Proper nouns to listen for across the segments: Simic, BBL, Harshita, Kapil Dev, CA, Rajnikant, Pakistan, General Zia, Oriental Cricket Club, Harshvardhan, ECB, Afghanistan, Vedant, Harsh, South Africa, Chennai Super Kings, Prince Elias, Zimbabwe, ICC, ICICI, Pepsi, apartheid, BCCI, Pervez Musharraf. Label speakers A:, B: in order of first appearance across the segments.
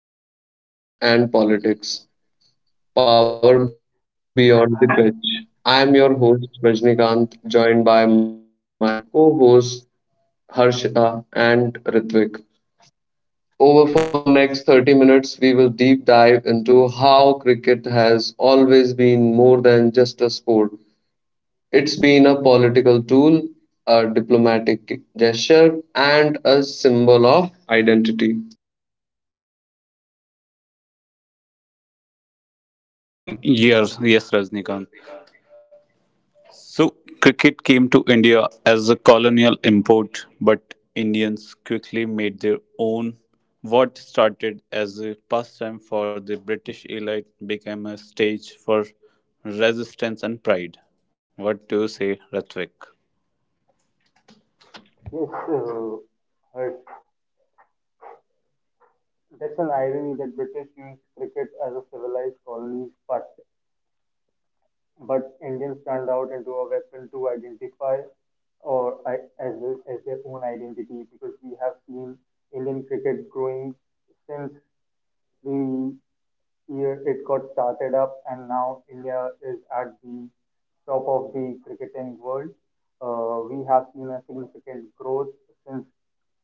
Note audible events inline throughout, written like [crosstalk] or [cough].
A: Namaste and welcome to Cricket and Politics, Power Beyond the Pitch. I am your host Rajnikant, joined by my co-hosts Harshita and Ritvik. Over for next 30 minutes, we will deep dive into how cricket has always been more than just a sport. It's been a political tool, a diplomatic gesture, and a symbol of identity.
B: Yes, Rajnikant. So, cricket came to India as a colonial import, but Indians quickly made their own. What started as a pastime for the British elite became a stage for resistance and pride. What do you say, Ratwik?
C: Yes, Harsh. That's an irony that British used cricket as a civilized colony, but Indians turned out into a weapon to identify or I- as a- as their own identity because we have seen Indian cricket growing since the year it got started up, and now India is at the top of the cricketing world. We have seen a significant growth since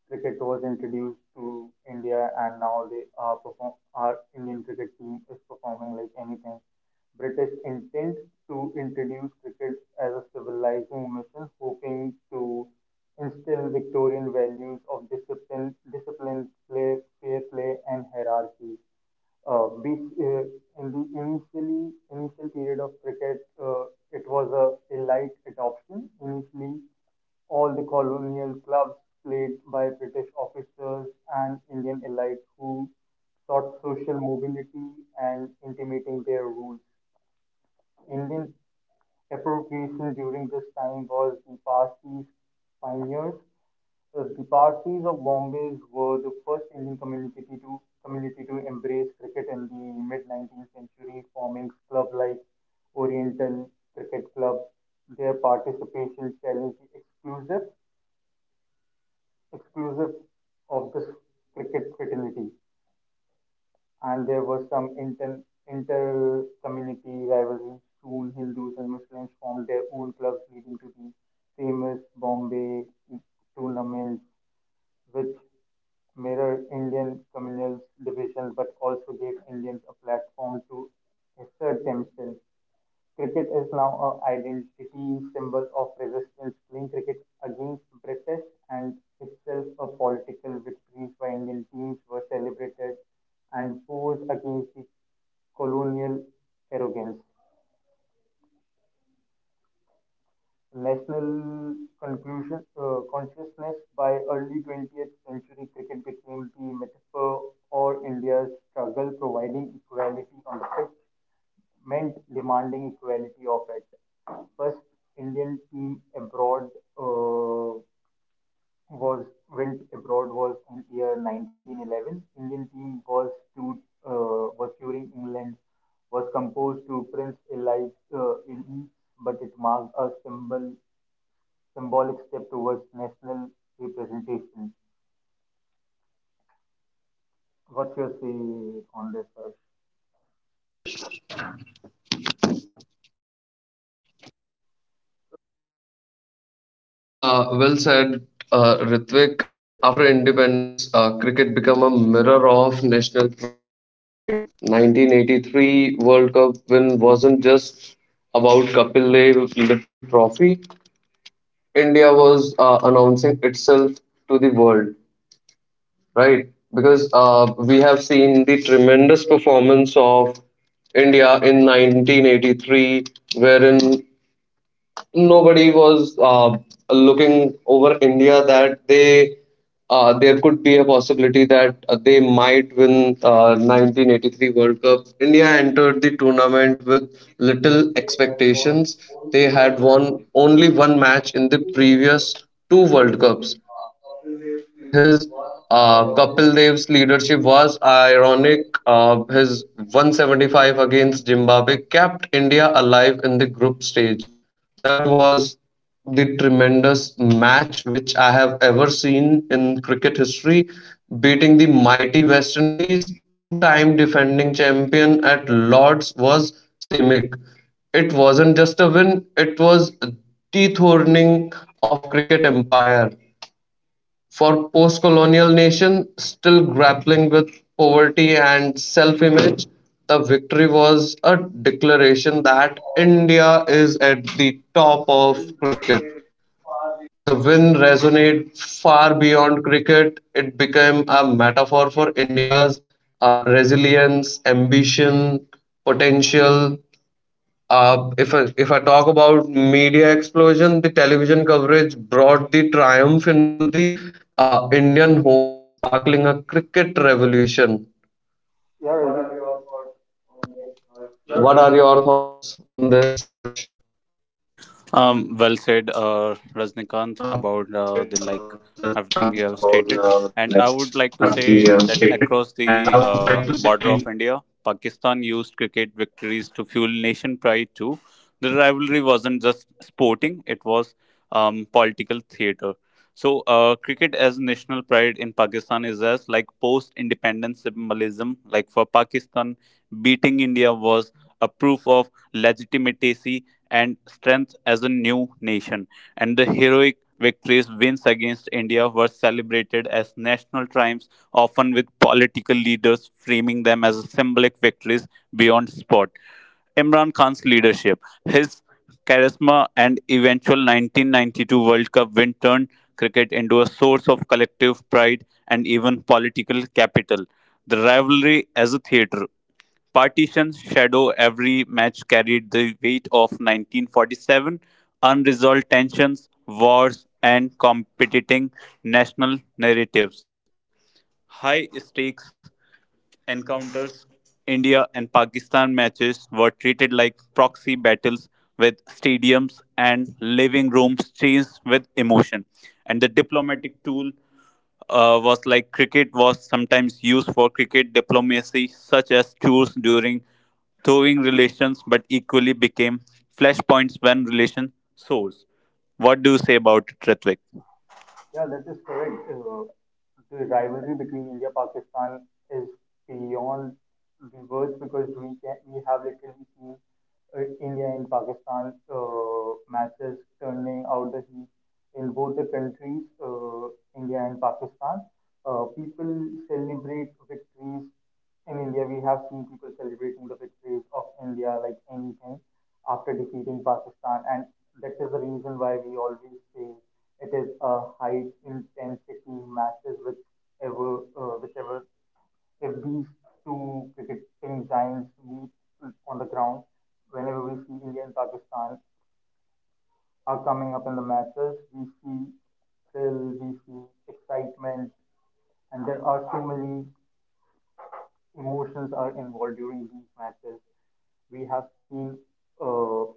C: cricket was introduced to India, and now they are perform our Indian cricket team is performing like anything. British intent to introduce cricket as a civilizing mission, hoping to instill Victorian values of discipline, play, fair play, and hierarchy. Uh, we, uh, in the initial period of cricket, it was a light adoption. Initially, all the colonial clubs played by British officers and Indian elite who sought social mobility and intimating their rules. Indian appropriation during this time was the Parsis pioneers. The Parsis of Bombay were the first Indian community to embrace cricket in the mid 19th century, forming clubs like Oriental Cricket Club. Their participation challenged the exclusive of this cricket fraternity, and there was some inter-community rivalry. Soon, Hindus and Muslims formed their own clubs, leading to the famous Bombay tournament, which mirrored Indian communal division but also gave Indians a platform to assert themselves. Cricket is now an identity symbol of resistance, playing cricket against British, and itself a political victories by Indian teams were celebrated and posed against the colonial arrogance. National conclusion, consciousness by early 20th century cricket became the metaphor for India's struggle providing equality on the pitch meant demanding equality of it. First Indian team abroad uh, was went abroad was in year 1911. Indian team was to was touring England, was composed to Prince Elias in East, but it marked a symbolic step towards national representation. What's your say on this?
A: Well, well said, Ritwik. After independence, cricket became a mirror of national pride. 1983 World Cup win wasn't just about Kapil Dev lifting the trophy. India was announcing itself to the world, right? Because we have seen the tremendous performance of India in 1983, wherein nobody was looking over India that they there could be possibility that they might win 1983 World Cup. India entered the tournament with little expectations. They had won only one match in the previous two World Cups. His Kapil Dev's leadership was ironic. His 175 against Zimbabwe kept India alive in the group stage. That was the tremendous match which I have ever seen in cricket history, beating the mighty West Indies, two-time defending champion at Lord's was Simic. It wasn't just a win, it was dethroning of cricket empire for post-colonial nations still grappling with poverty and self-image, the victory was a declaration that India is at the top of
C: Harsh?
A: cricket. The win resonated far beyond cricket. It became a metaphor for India's resilience, ambition, potential, if I talk about media explosion, the television coverage brought the triumph into the Indian homes, sparkling a cricket revolution.
C: Yeah, is it-
A: What are your thoughts on this, Harsh?
B: Well said, Rajnikant,
A: Well
B: about
A: said,
B: the like everything
A: Rajnikant,
B: you have
A: about
B: stated,
A: the
B: and I would
A: next
B: like to
A: everything you
B: say
A: have
B: that
A: stated.
B: across
A: And I
B: the
A: would like to say,
B: border of India, Pakistan used cricket victories to fuel nation pride too. The rivalry wasn't just sporting; it was political theater. So, cricket as national pride in Pakistan is as like post-independence symbolism. Like for Pakistan, beating India was a proof of legitimacy and strength as a new nation, and the heroic victories wins against India were celebrated as national triumphs, often with political leaders framing them as symbolic victories beyond sport. Imran Khan's leadership, his charisma, and eventual 1992 World Cup win turned cricket into a source of collective pride and even political capital. The rivalry as a theatre. Partitions shadow every match carried the weight of 1947, unresolved tensions, wars, and competing national narratives. High stakes encounters, India and Pakistan matches were treated like proxy battles with stadiums and living rooms changed with emotion. And the diplomatic tool was like cricket was sometimes used for cricket diplomacy, such as tours during thawing relations, but equally became flashpoints when relation soars. What do you say about it, Ritwik?
C: Yeah, that is correct. The rivalry between India Pakistan is beyond the words because we have literally seen India and Pakistan matches turning out the heat in both the countries, India and Pakistan. People celebrate victories in India. We have seen people celebrating the victories of India like anything after defeating Pakistan, and that is the reason why we always say it is a high intensity matches with ever whichever if these two cricketing giants meet on the ground. Whenever we see India and Pakistan are coming up in the matches, we see thrill, we see excitement, and there are so many emotions are involved during these matches. We have seen a lot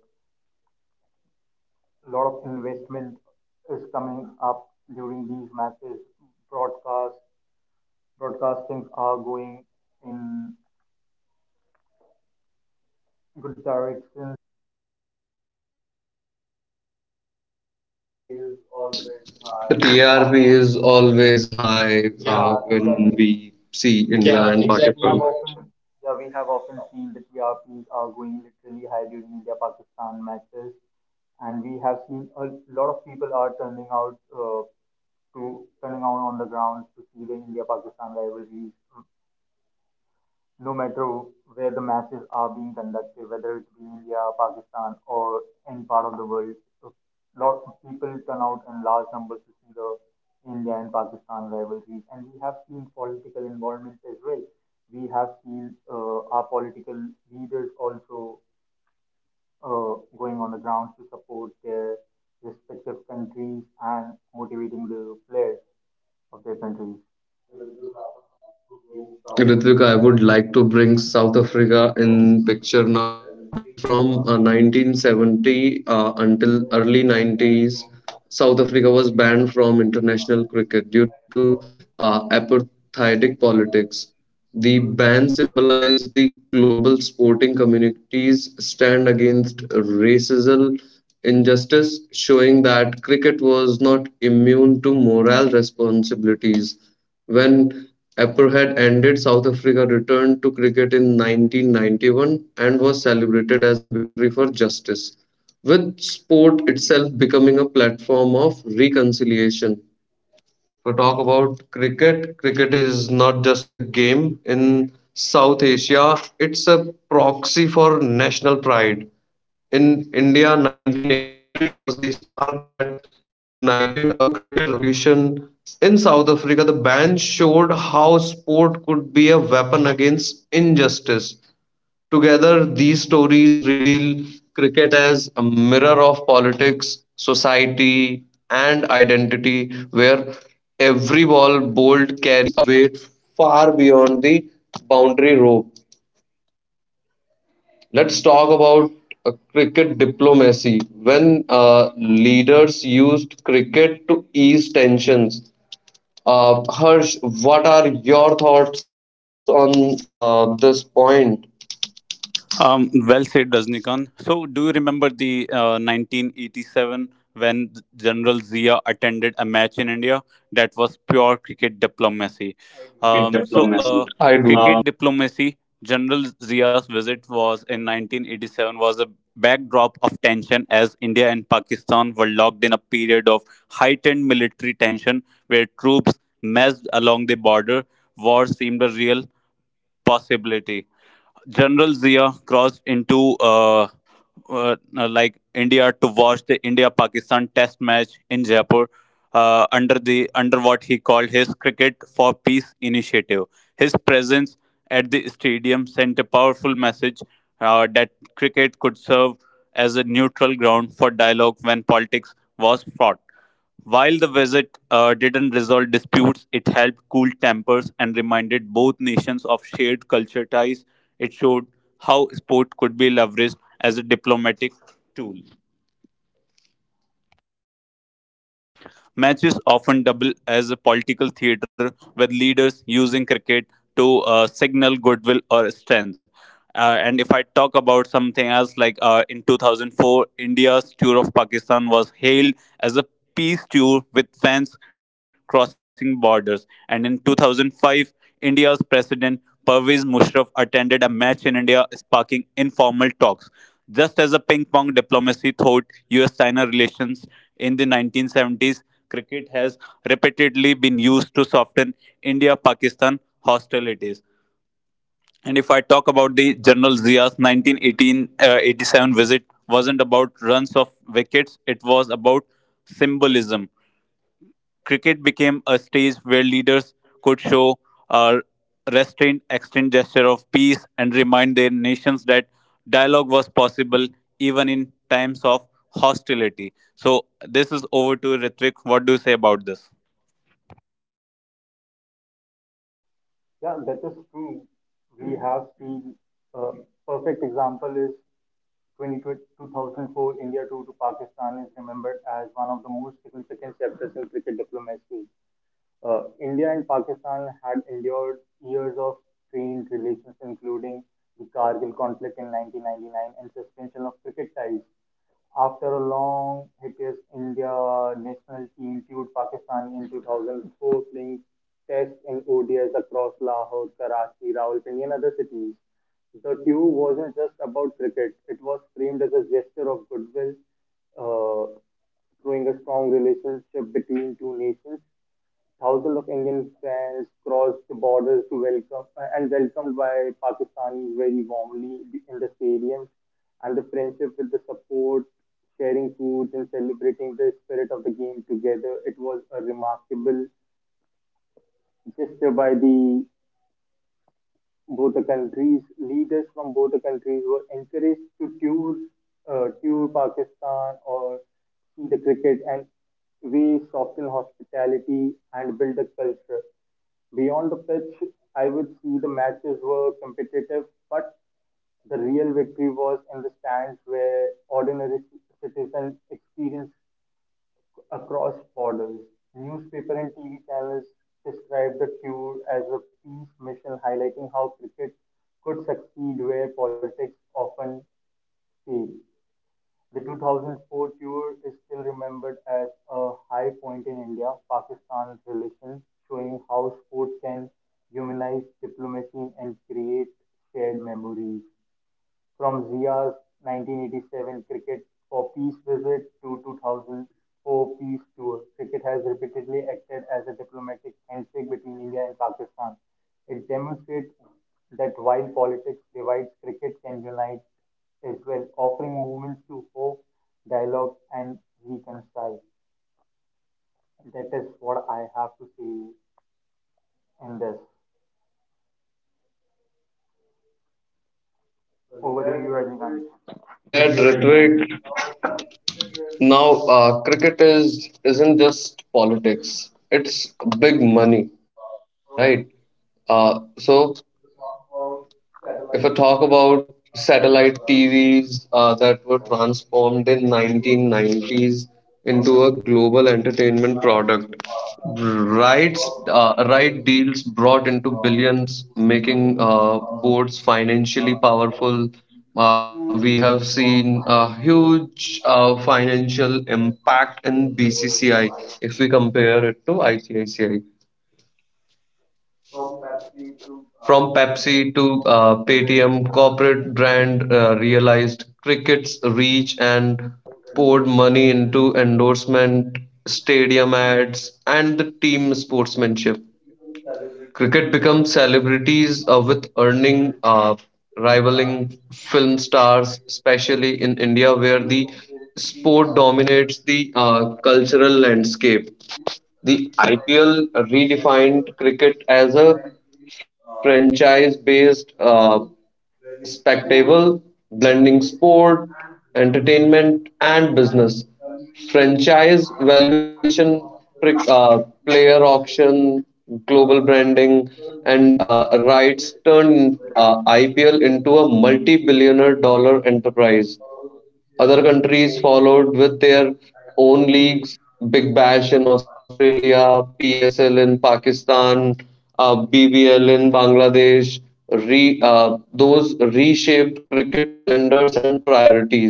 C: of investment is coming up during these matches. Broadcast Broadcasting are going in good direction.
A: the
C: Yeah,
A: TRP is always high, yeah,
C: yeah,
A: when
C: exactly.
A: we see
C: We,
A: India, yeah, and
C: we have
A: Pakistan.
C: often Yeah, we have often seen the TRPs are going literally high during India Pakistan matches, and we have seen a lot of people are turning out to turning out on the grounds to see the India Pakistan rivalries no matter where the matches are being conducted, whether it be India, Pakistan, or any part of the world. A lot of people turn out in large numbers to see the India and Pakistan rivalries. And we have seen political involvements as well. We have seen our political leaders also going on the grounds to support their respective countries and motivating the players of their countries.
A: Of their countries. Ritvik, I would like to bring South Africa in picture now because from 1970 until early 90s, South Africa was banned from international cricket due to apartheidic politics. The ban symbolized the global sporting community's stand against racism injustice, showing that cricket was not immune to moral responsibilities. When apartheid ended, South Africa returned to cricket in 1991 and was celebrated as a victory for justice, with sport itself becoming a platform of reconciliation. To talk about cricket, cricket is not just a game in South Asia, it's a proxy for national pride in India, 1983 was the spark that ignited a cricket revolution. In South Africa, the ban showed how sport could be a weapon against injustice. Together, these stories reveal cricket as a mirror of politics, society, and identity, where every ball bowled carries a weight far beyond the rope. Let's talk about cricket diplomacy. When leaders used cricket to ease tensions, Harsh, what are your thoughts on this point?
B: Well said, Rajnikant. So, do you remember the 1987 when General Zia attended a match in India? That was pure cricket
A: That
B: diplomacy.
A: was pure cricket
B: Um, so,
A: diplomacy.
B: uh,
A: I do.
B: Cricket diplomacy. General Zia's visit was in 1987 was a backdrop of tension as India and Pakistan were locked in a period of heightened military tension where troops messed along the border. War seemed a real possibility. General Zia crossed into uh, India to watch the India-Pakistan Test match in Jaipur under what he called his Cricket for Peace initiative. His presence at the stadium sent a powerful message that cricket could serve as a neutral ground for dialogue when politics was fraught. While the visit didn't resolve disputes, it helped cool tempers and reminded both nations of shared culture ties. It showed how sport could be leveraged as a diplomatic tool. Matches often double as a political theater with leaders using cricket to signal goodwill or strength. And if I talk about something else, like in 2004, India's tour of Pakistan was hailed as a peace tour with fans crossing borders. And in 2005, India's president Pervez Musharraf attended a match in India, sparking informal talks. Just as a ping pong diplomacy thought US China relations in the 1970s, cricket has repeatedly been used to soften India Pakistan hostilities. And if I talk about the General Zia's 1987 visit, wasn't about runs of wickets, it was about symbolism. Cricket became a stage where leaders could show a restrained, extend gesture of peace and remind their nations that dialogue was possible even in times of hostility. So, this is over to Ritwik. What do you say about this?
C: Yeah, that is true. We have seen a perfect example is 2004 India tour to Pakistan is remembered as one of the most significant chapters in cricket diplomacy. India and Pakistan had endured years of strained relations, including the Kargil conflict in 1999 and suspension of cricket ties. After a long hiatus, India national team toured Pakistan in 2004, playing tests and ODIs across Lahore, Karachi, Rawalpindi, and other cities. The tour wasn't just about cricket; it was framed as a gesture of goodwill, uh, showing a strong relationship between two nations. Thousands of Indian fans crossed the borders to welcome and welcomed by Pakistanis very warmly in the stadium. And the friendship with the support, sharing foods, and celebrating the spirit of the game together, it was a remarkable gesture by the both the countries. Leaders from both the countries were encouraged to tour, tour Pakistan or see the cricket, and we soften hospitality and build a culture. Beyond the pitch, I would see the matches were competitive, but the real victory was in the stands where ordinary citizens experienced across borders. Newspaper and TV channels described the tour as a peace mission highlighting how cricket could succeed where politics often fail. The 2004 tour is still remembered as a high point in India Pakistan relations, showing how sport can humanize diplomacy and create shared memories. From Zia's 1987 Cricket for Peace visit to 2004 Peace Tour, cricket has repeatedly acted as a diplomatic handshake between India and Pakistan. It demonstrates that while politics divides, cricket can unite as well, offering movements to hope, dialogue, and reconcile. That is what I have to say in this. Over to you, Rajnikanth.
A: Well over said, rhetoric. Now, cricket is isn't just politics; it's big money, right? So, if I talk about satellite TVs that were transformed in 1990s into a global entertainment product, rights right deals brought into billions, making boards financially powerful. We have seen a huge financial impact in BCCI if we compare it to ICICI. From Pepsi to Paytm, corporate brand realized cricket's reach and poured money into endorsement, stadium ads, and the team sportsmanship. Cricket becomes celebrities with earning rivaling film stars, especially in India, where the sport dominates the cultural landscape. The IPL redefined cricket as a franchise-based spectacle, blending sport, entertainment, and business. Franchise valuation, pri- uh, player auction, global branding, and rights turned IPL into a multi billionaire dollar enterprise. Other countries followed with their own leagues Big Bash in Australia, PSL in Pakistan, BBL in Bangladesh. Those reshaped cricket calendars and priorities.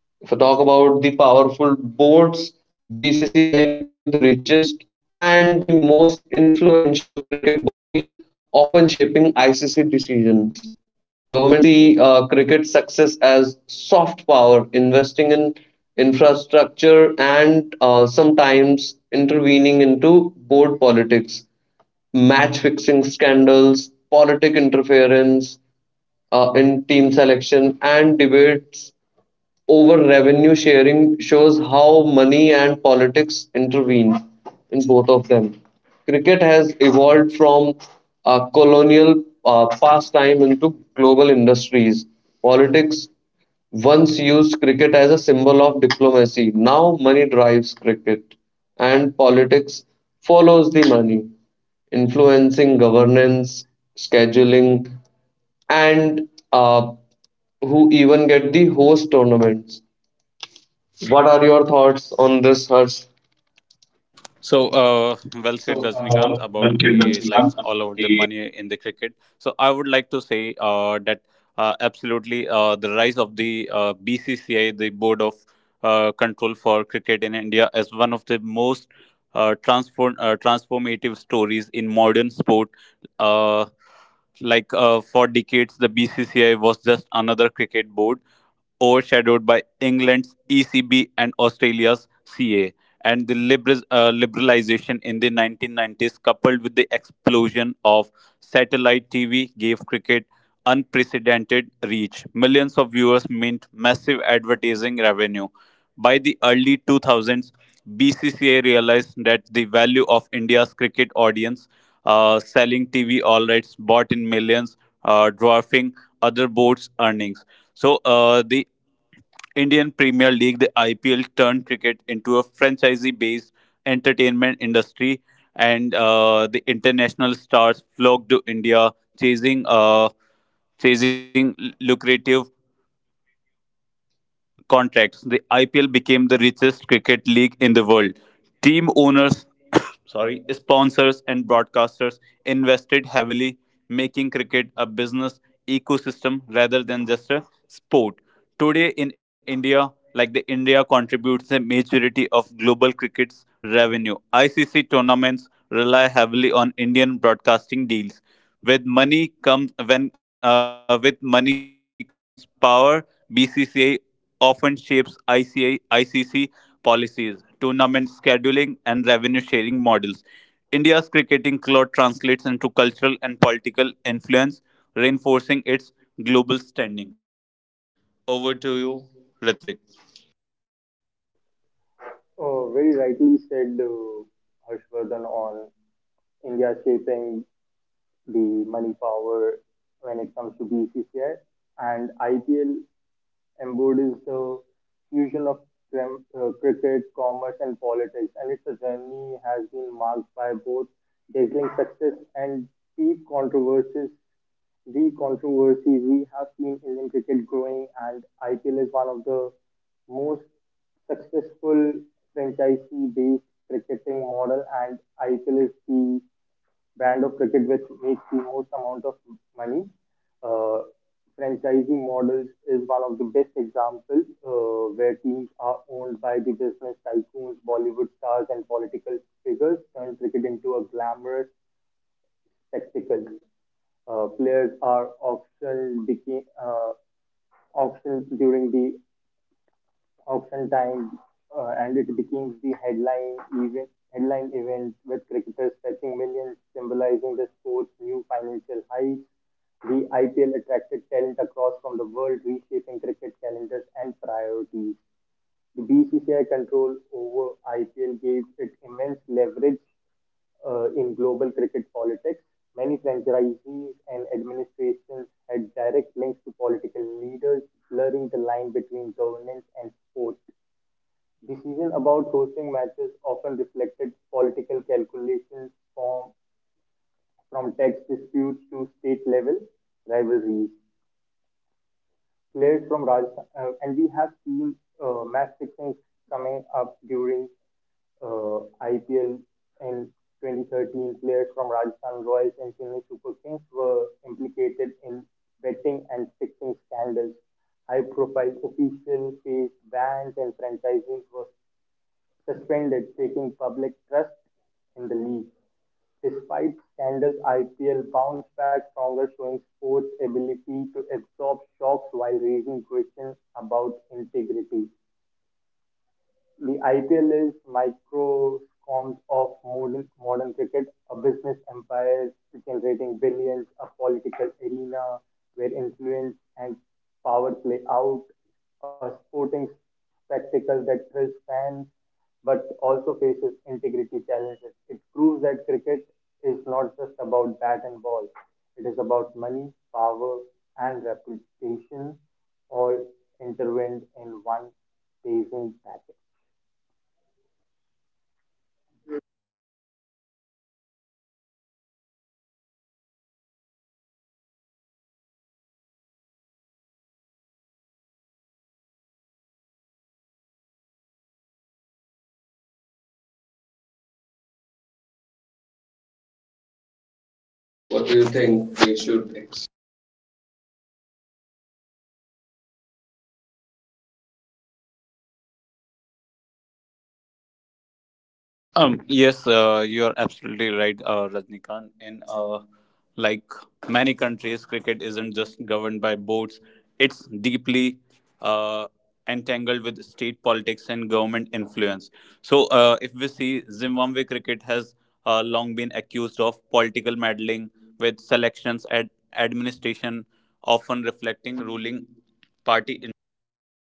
A: If I talk about the powerful boards, BCCI became the richest and the most influential cricket often shaping ICC decisions. Government see cricket success as soft power, investing in infrastructure and sometimes intervening into board politics match fixing scandals, politic interference in team selection, and debates over revenue sharing shows how money and politics intervene in both of them. Cricket has evolved from a colonial pastime into global industries. Politics once used as a symbol of diplomacy. Now money drives cricket and politics follows the money influencing governance, scheduling, and uh, who even get the host tournaments. What are your thoughts on this, Harsh?
B: So, well said,
A: So,
B: Rajnikant, about
A: one thing that
B: the
A: we
B: like
A: learned
B: all
A: about
B: over the
A: the
B: money in the cricket. So, I would like to say that absolutely the rise of the BCCI, the Board of Control for Cricket in India, as one of the most transformative stories in modern sport. Uh, for decades, the BCCI was just another cricket board, overshadowed by England's ECB and Australia's CA. And the liberalization in the 1990s, coupled with the explosion of satellite TV, gave cricket unprecedented reach. Millions of viewers meant massive advertising revenue. By the early 2000s, BCCA realized that the value of India's cricket audience, selling TV all rights bought in millions, dwarfing other boards' earnings. So the Indian Premier League, the IPL, turned cricket into a franchise-based entertainment industry, and the international stars flocked to India, chasing uh, chasing lucrative contracts, the IPL became the richest cricket league in the world. Team owners, [coughs] sorry, sponsors, and broadcasters invested heavily, making cricket a business ecosystem rather than just a sport. Today in India, like the India contributes the majority of global cricket's revenue. ICC tournaments rely heavily on Indian broadcasting deals. With money comes power. BCCI often shapes ICA, ICC policies, tournament scheduling, and revenue sharing models. India's cricketing clout translates into cultural and political influence, reinforcing its global standing. Over to you, Ritvik.
C: Very rightly said, Harshvardhan, on India shaping the money power when it comes to BCCI, and IPL embodies the fusion of cricket, commerce, and politics, and its journey has been marked by both dazzling success and deep controversies. The controversies we have seen Indian cricket growing, and IPL is one of the most successful franchisee-based cricketing model, and IPL is the brand of cricket which makes the most amount of money. Uh, Franchising models is one of the best examples where teams are owned by the business tycoons, Bollywood stars, and political figures turn cricket into a glamorous spectacle. Players are auctioned during the oftentimes, and it became the headline event with cricketers fetching millions, symbolizing the sport's new financial heights. The IPL attracted talent across from the world, reshaping cricket calendars and priorities. The BCCI control over IPL gave it immense leverage in global cricket politics. Many franchisees and administrations had direct links to political leaders, blurring the line between governance and sport. Decisions about hosting matches often reflected political calculations from tax disputes to state level rivalries players from Rajasthan, and we have seen match fixing coming up during IPL in 2013. Players from Rajasthan Royals and Chennai Super Kings were implicated in betting and fixing scandals. High-profile officials faced bans, and franchising was suspended, taking public trust in the league. Despite scandals, IPL bounced back stronger, showing sports' ability to absorb shocks while raising questions about integrity. The IPL is microcosms of modern cricket, a business empire generating billions, a political arena where influence and power play out, a sporting spectacle that thrills fans but also faces integrity challenges. It proves that cricket is not just about bat and ball, it is about money, power, and reputation all intertwined in one pacing package.
A: beautiful thoughts, Ritvik. Uh, Cricket is expanding beyond traditional nations like USA. We have seen USA comes into picture, Middle East, even China showing interest. What are your thoughts on this, Harsh?
B: What do
A: What
B: you
A: do you think
B: think we
A: they
B: should
A: should ex they should come into the picture or they need to learn more? What are your thoughts?
B: Yes,
A: Yes,
B: you are
A: you're
B: absolutely
A: absolutely right,
B: right, Rajnikant.
A: Rajnikant. In
B: In like
A: like
B: many
A: many
B: countries,
A: countries,
B: cricket
A: cricket isn't
B: isn't just
A: just
B: governed
A: governed
B: by
A: by
B: boards;
A: boards; it's
B: it's deeply
A: deeply
B: uh,
A: uh,
B: entangled
A: entangled
B: with
A: with
B: state
A: state
B: politics
A: politics
B: and
A: and
B: government
A: government
B: influence.
A: influence.
B: So,
A: So,
B: if we
A: if we
B: see
A: see,
B: Zimbabwe
A: Zimbabwe
B: cricket
A: cricket
B: has
A: has
B: long been
A: long been
B: accused of
A: accused of
B: political
A: political
B: meddling with
A: meddling with
B: selections and
A: selections and
B: administration,
A: administration,
B: often
A: often
B: reflecting ruling
A: reflecting ruling
B: party
A: party interest.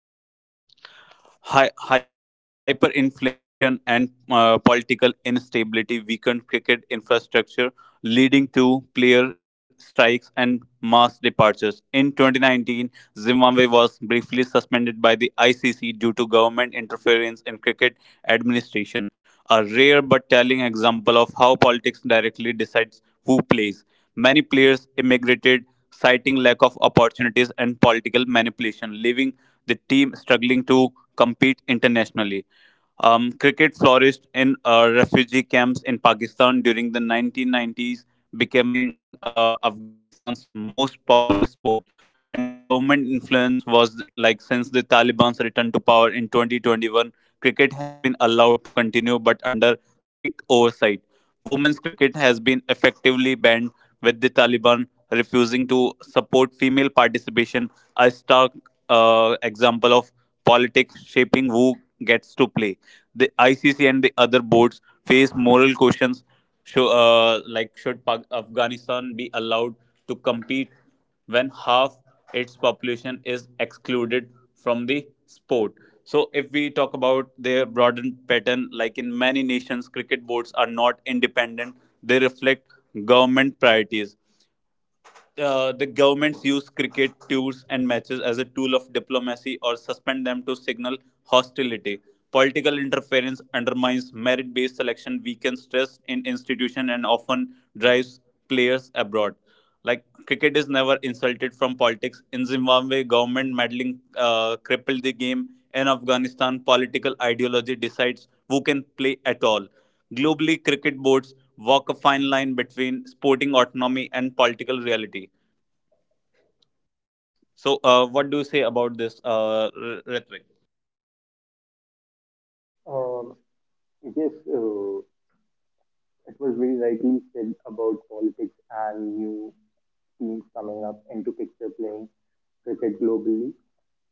B: Hyperinflation
A: Hyperinflation
B: and
A: and
B: political
A: political instability
B: instability
A: weakened
B: weakened
A: cricket
B: cricket
A: infrastructure,
B: infrastructure,
A: leading
B: leading
A: to
B: to
A: player
B: player
A: strikes and
B: strikes
A: mass
B: and mass
A: departures. In
B: departures. In
A: 2019,
B: 2019,
A: Zimbabwe was
B: Zimbabwe was
A: briefly
B: briefly
A: suspended by
B: suspended
A: the
B: by the
A: ICC
B: ICC
A: due to
B: due to
A: government
B: government
A: interference in
B: interference in
A: cricket
B: cricket
A: administration,
B: administration,
A: a
B: a
A: rare
B: rare
A: but
B: but
A: telling
B: telling
A: example
B: example
A: of
B: of
A: how
B: how
A: politics
B: politics
A: directly
B: directly
A: decides
B: decides
A: who
B: who
A: plays.
B: plays.
A: Many
B: Many
A: players
B: players
A: immigrated,
B: immigrated,
A: citing
B: citing
A: lack
B: lack
A: of
B: of
A: opportunities
B: opportunities
A: and
B: and
A: political
B: political
A: manipulation,
B: manipulation,
A: leaving
B: leaving
A: the
B: the
A: team
B: team
A: struggling
B: struggling to
A: to
B: compete
A: compete
B: internationally.
A: internationally.
B: Cricket
A: Cricket flourished
B: flourished in
A: in
B: refugee
A: refugee
B: camps
A: camps
B: in
A: in Pakistan
B: Pakistan
A: during the
B: during the
A: 1990s,
B: 1990s,
A: becoming
B: becoming
A: Afghanistan's
B: Afghanistan's
A: most
B: most
A: popular
B: popular
A: sport.
B: sport.
A: And the
B: And the
A: government
B: government
A: influence was
B: influence
A: like
B: was
A: since the
B: like since the
A: Taliban's return
B: Taliban's
A: to
B: return
A: power
B: to
A: in
B: power in
A: 2021,
B: 2021,
A: cricket has
B: cricket
A: been
B: has been
A: allowed to
B: allowed to
A: continue but
B: continue but
A: under
B: under
A: strict
B: strict
A: oversight.
B: oversight.
A: Women's cricket
B: Women's
A: has
B: cricket
A: been
B: has been
A: effectively
B: effectively
A: banned,
B: banned,
A: with the
B: with the
A: Taliban
B: Taliban
A: refusing to
B: refusing to
A: support
B: support
A: female
B: female
A: participation,
B: participation,
A: a
B: a
A: stark
B: stark
A: example
B: example
A: of
B: of
A: politics
B: politics
A: shaping
B: shaping
A: who
B: who
A: gets to
B: gets to
A: play.
B: play.
A: The
B: The
A: ICC and
B: ICC
A: the
B: and the
A: other
B: other
A: boards
B: boards
A: face
B: face
A: moral
B: moral
A: questions.
B: questions,
A: To, uh, like, should Afghanistan be
B: Afghanistan be
A: allowed
B: allowed
A: to
B: to
A: compete
B: compete
A: when
B: when half
A: half its
B: its
A: population
B: population
A: is
B: is excluded
A: excluded from
B: from the
A: the
B: sport.
A: sport.
B: So,
A: So,
B: if
A: if
B: we
A: we
B: talk
A: talk
B: about
A: about
B: their
A: their
B: broader
A: broadened
B: pattern,
A: pattern,
B: like
A: like in
B: in many
A: many
B: nations,
A: nations,
B: cricket
A: cricket
B: boards
A: boards
B: are
A: are
B: not
A: not
B: independent,
A: independent,
B: they
A: they
B: reflect
A: reflect
B: government
A: government
B: priorities
A: priorities,
B: the
A: the
B: governments
A: governments
B: use
A: use
B: cricket
A: cricket matches
B: tours
A: as
B: and
A: a tool
B: matches
A: of
B: as a tool of
A: diplomacy or
B: diplomacy
A: suspend
B: or
A: them to
B: suspend them to
A: signal
B: signal
A: hostility.
B: hostility.
A: Political
B: Political
A: interference
B: interference
A: undermines
B: undermines
A: merit based
B: merit based
A: selection,
B: selection,
A: weakens
B: weakens
A: trust in
B: trust in
A: institutions, and
B: institution, and
A: often
B: often
A: drives
B: drives
A: players
B: players
A: abroad.
B: abroad. Like
A: Like cricket is
B: cricket is
A: never
B: never
A: insulted
B: insulted
A: from
B: from
A: politics.
B: politics.
A: In
B: In
A: Zimbabwe,
B: Zimbabwe,
A: government
B: government meddling
A: meddling crippled
B: crippled the
A: the game.
B: game.
A: In
B: In Afghanistan,
A: Afghanistan,
B: political
A: political
B: ideology
A: ideology decides
B: decides
A: who
B: who can
A: can
B: play
A: play at
B: at all.
A: all. Globally,
B: Globally, cricket
A: cricket boards
B: boards walk a
A: walk a fine
B: fine line
A: line between
B: between
A: sporting
B: sporting autonomy
A: autonomy
B: and
A: and
B: political reality. So, what do you say about this rhetoric?
C: Um, yes, it was very rightly said about politics and new teams coming up into picture playing cricket globally.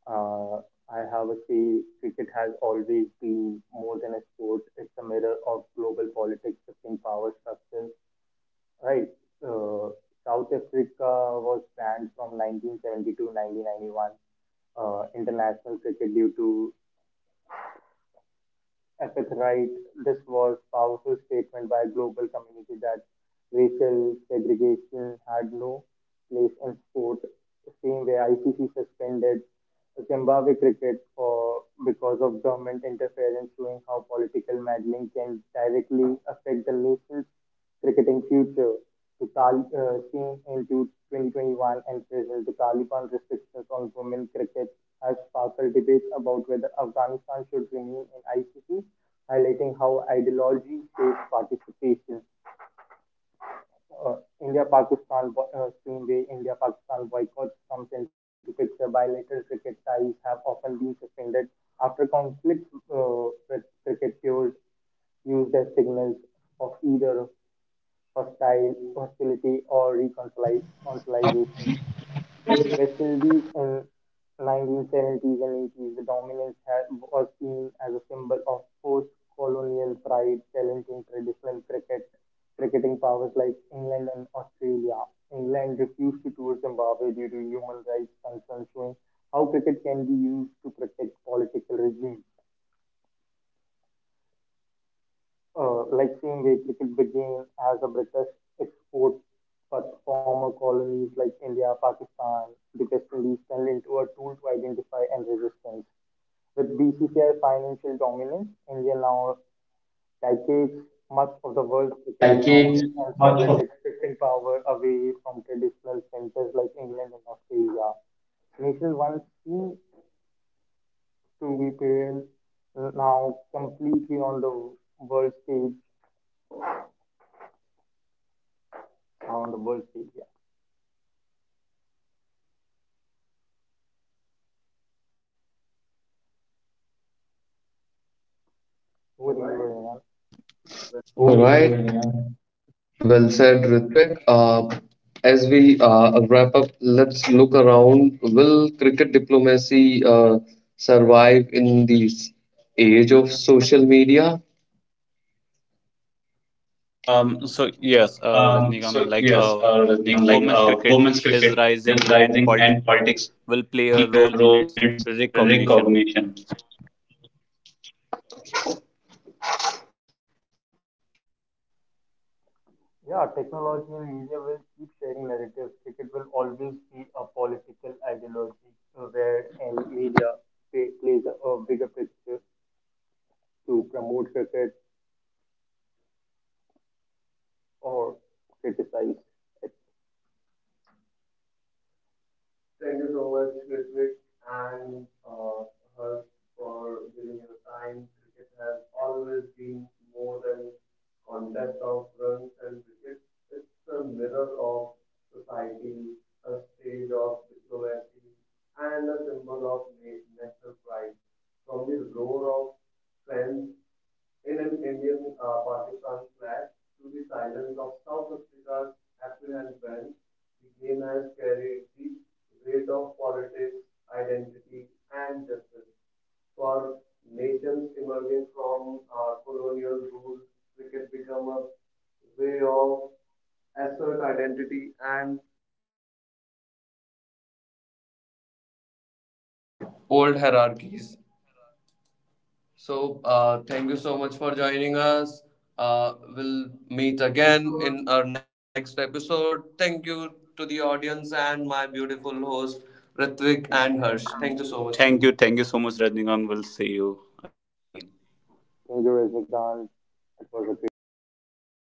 C: Uh, I have a say cricket has always been more than a sport. It's a mirror of global politics, shifting power structures. Right. Uh, South Africa was banned from 1970 to 1991 international cricket due to Epic, right? This was powerful statement by a global community that racial segregation had no place in sport. Same way, ICC suspended Zimbabwe cricket for because of government interference, showing how political meddling can directly affect the nations cricketing future to came into 2021 and present. The Taliban restrictions on women cricket has sparked debates about whether Afghanistan should remain in ICC, highlighting how ideology shapes participation. Same India-Pakistan boycotts comes into picture. Bilateral cricket ties have often been suspended after conflicts with cricket players used as signals of either hostility, or reconciliation. West Indies in 1970s and 80s, the dominance had, was seen as a symbol of post-colonial pride, challenging traditional cricketing powers like England and Australia. England refused to tour Zimbabwe due to human rights concerns, showing how cricket can be used to protect political regimes. Like seeing a cricket begin as a British export, but former colonies like India, Pakistan, the West Indies turned into a tool to identify and resistance. With BCCI financial dominance, India now dictates much of the world's cricket economics and politics, shifting power away from traditional centers like England and Australia. Nations once seemed to be parents now completely on the world stage, on the world stage, yeah. Very good, Vedant.
A: all right. Well said, Ritvik. As we wrap up, let's look around. Will cricket diplomacy survive in this age of social media?
B: So yes, Rajnikant, like
A: Yes,
B: women's cricket
A: Rajnikanth, like
B: is
A: women's
B: rising, and
A: cricket is
B: politics will
A: rising,
B: play a
A: and
B: role in
A: politics
B: its
A: will play a role in
B: recognition.
A: its recognition.
C: Yeah, technology and media will keep sharing narratives. Cricket will always be a political ideology where and media plays a bigger picture to promote cricket or criticize it.
A: Thank you so much, Ritwik and Harsh, for giving your time. Cricket has always been more than contest of runs and wickets. It's a mirror of society, a stage of diplomacy, and a symbol of national pride. From the roar of fans in an Indian Pakistan clash to the silence of South Africa's apprehend ban, the game has carried the weight of politics, identity, and justice. For nations emerging from colonial rule, cricket became a way of assert identity and franchise old hierarchies.
B: Old hierarchies.
A: So, thank you so much for
B: So,
A: joining
B: thank
A: us.
B: you so much for joining
A: We'll
B: us.
A: meet again in
B: We'll
A: our next
B: meet again
A: episode.
B: in
A: Thank
B: our
A: you
B: next
A: to the
B: episode.
A: audience
B: Thank
A: and
B: you
A: my
B: to the
A: beautiful
B: audience
A: host,
B: and my
A: Ritvik
B: beautiful
A: and
B: host,
A: Harsh. Thank you so much.
B: Ritvik
A: Thank you.
B: and
A: Thank you
B: Harsh.
A: so much,
B: Thank you so much.
A: everyone,
B: Thank
A: once
B: you. Thank you
A: again.
B: so much,
A: It
B: Rajnikant. We'll see you again.
C: Thank you, Rajnikant. It was
A: was a
C: a great
A: great
C: session
A: session.
C: with you.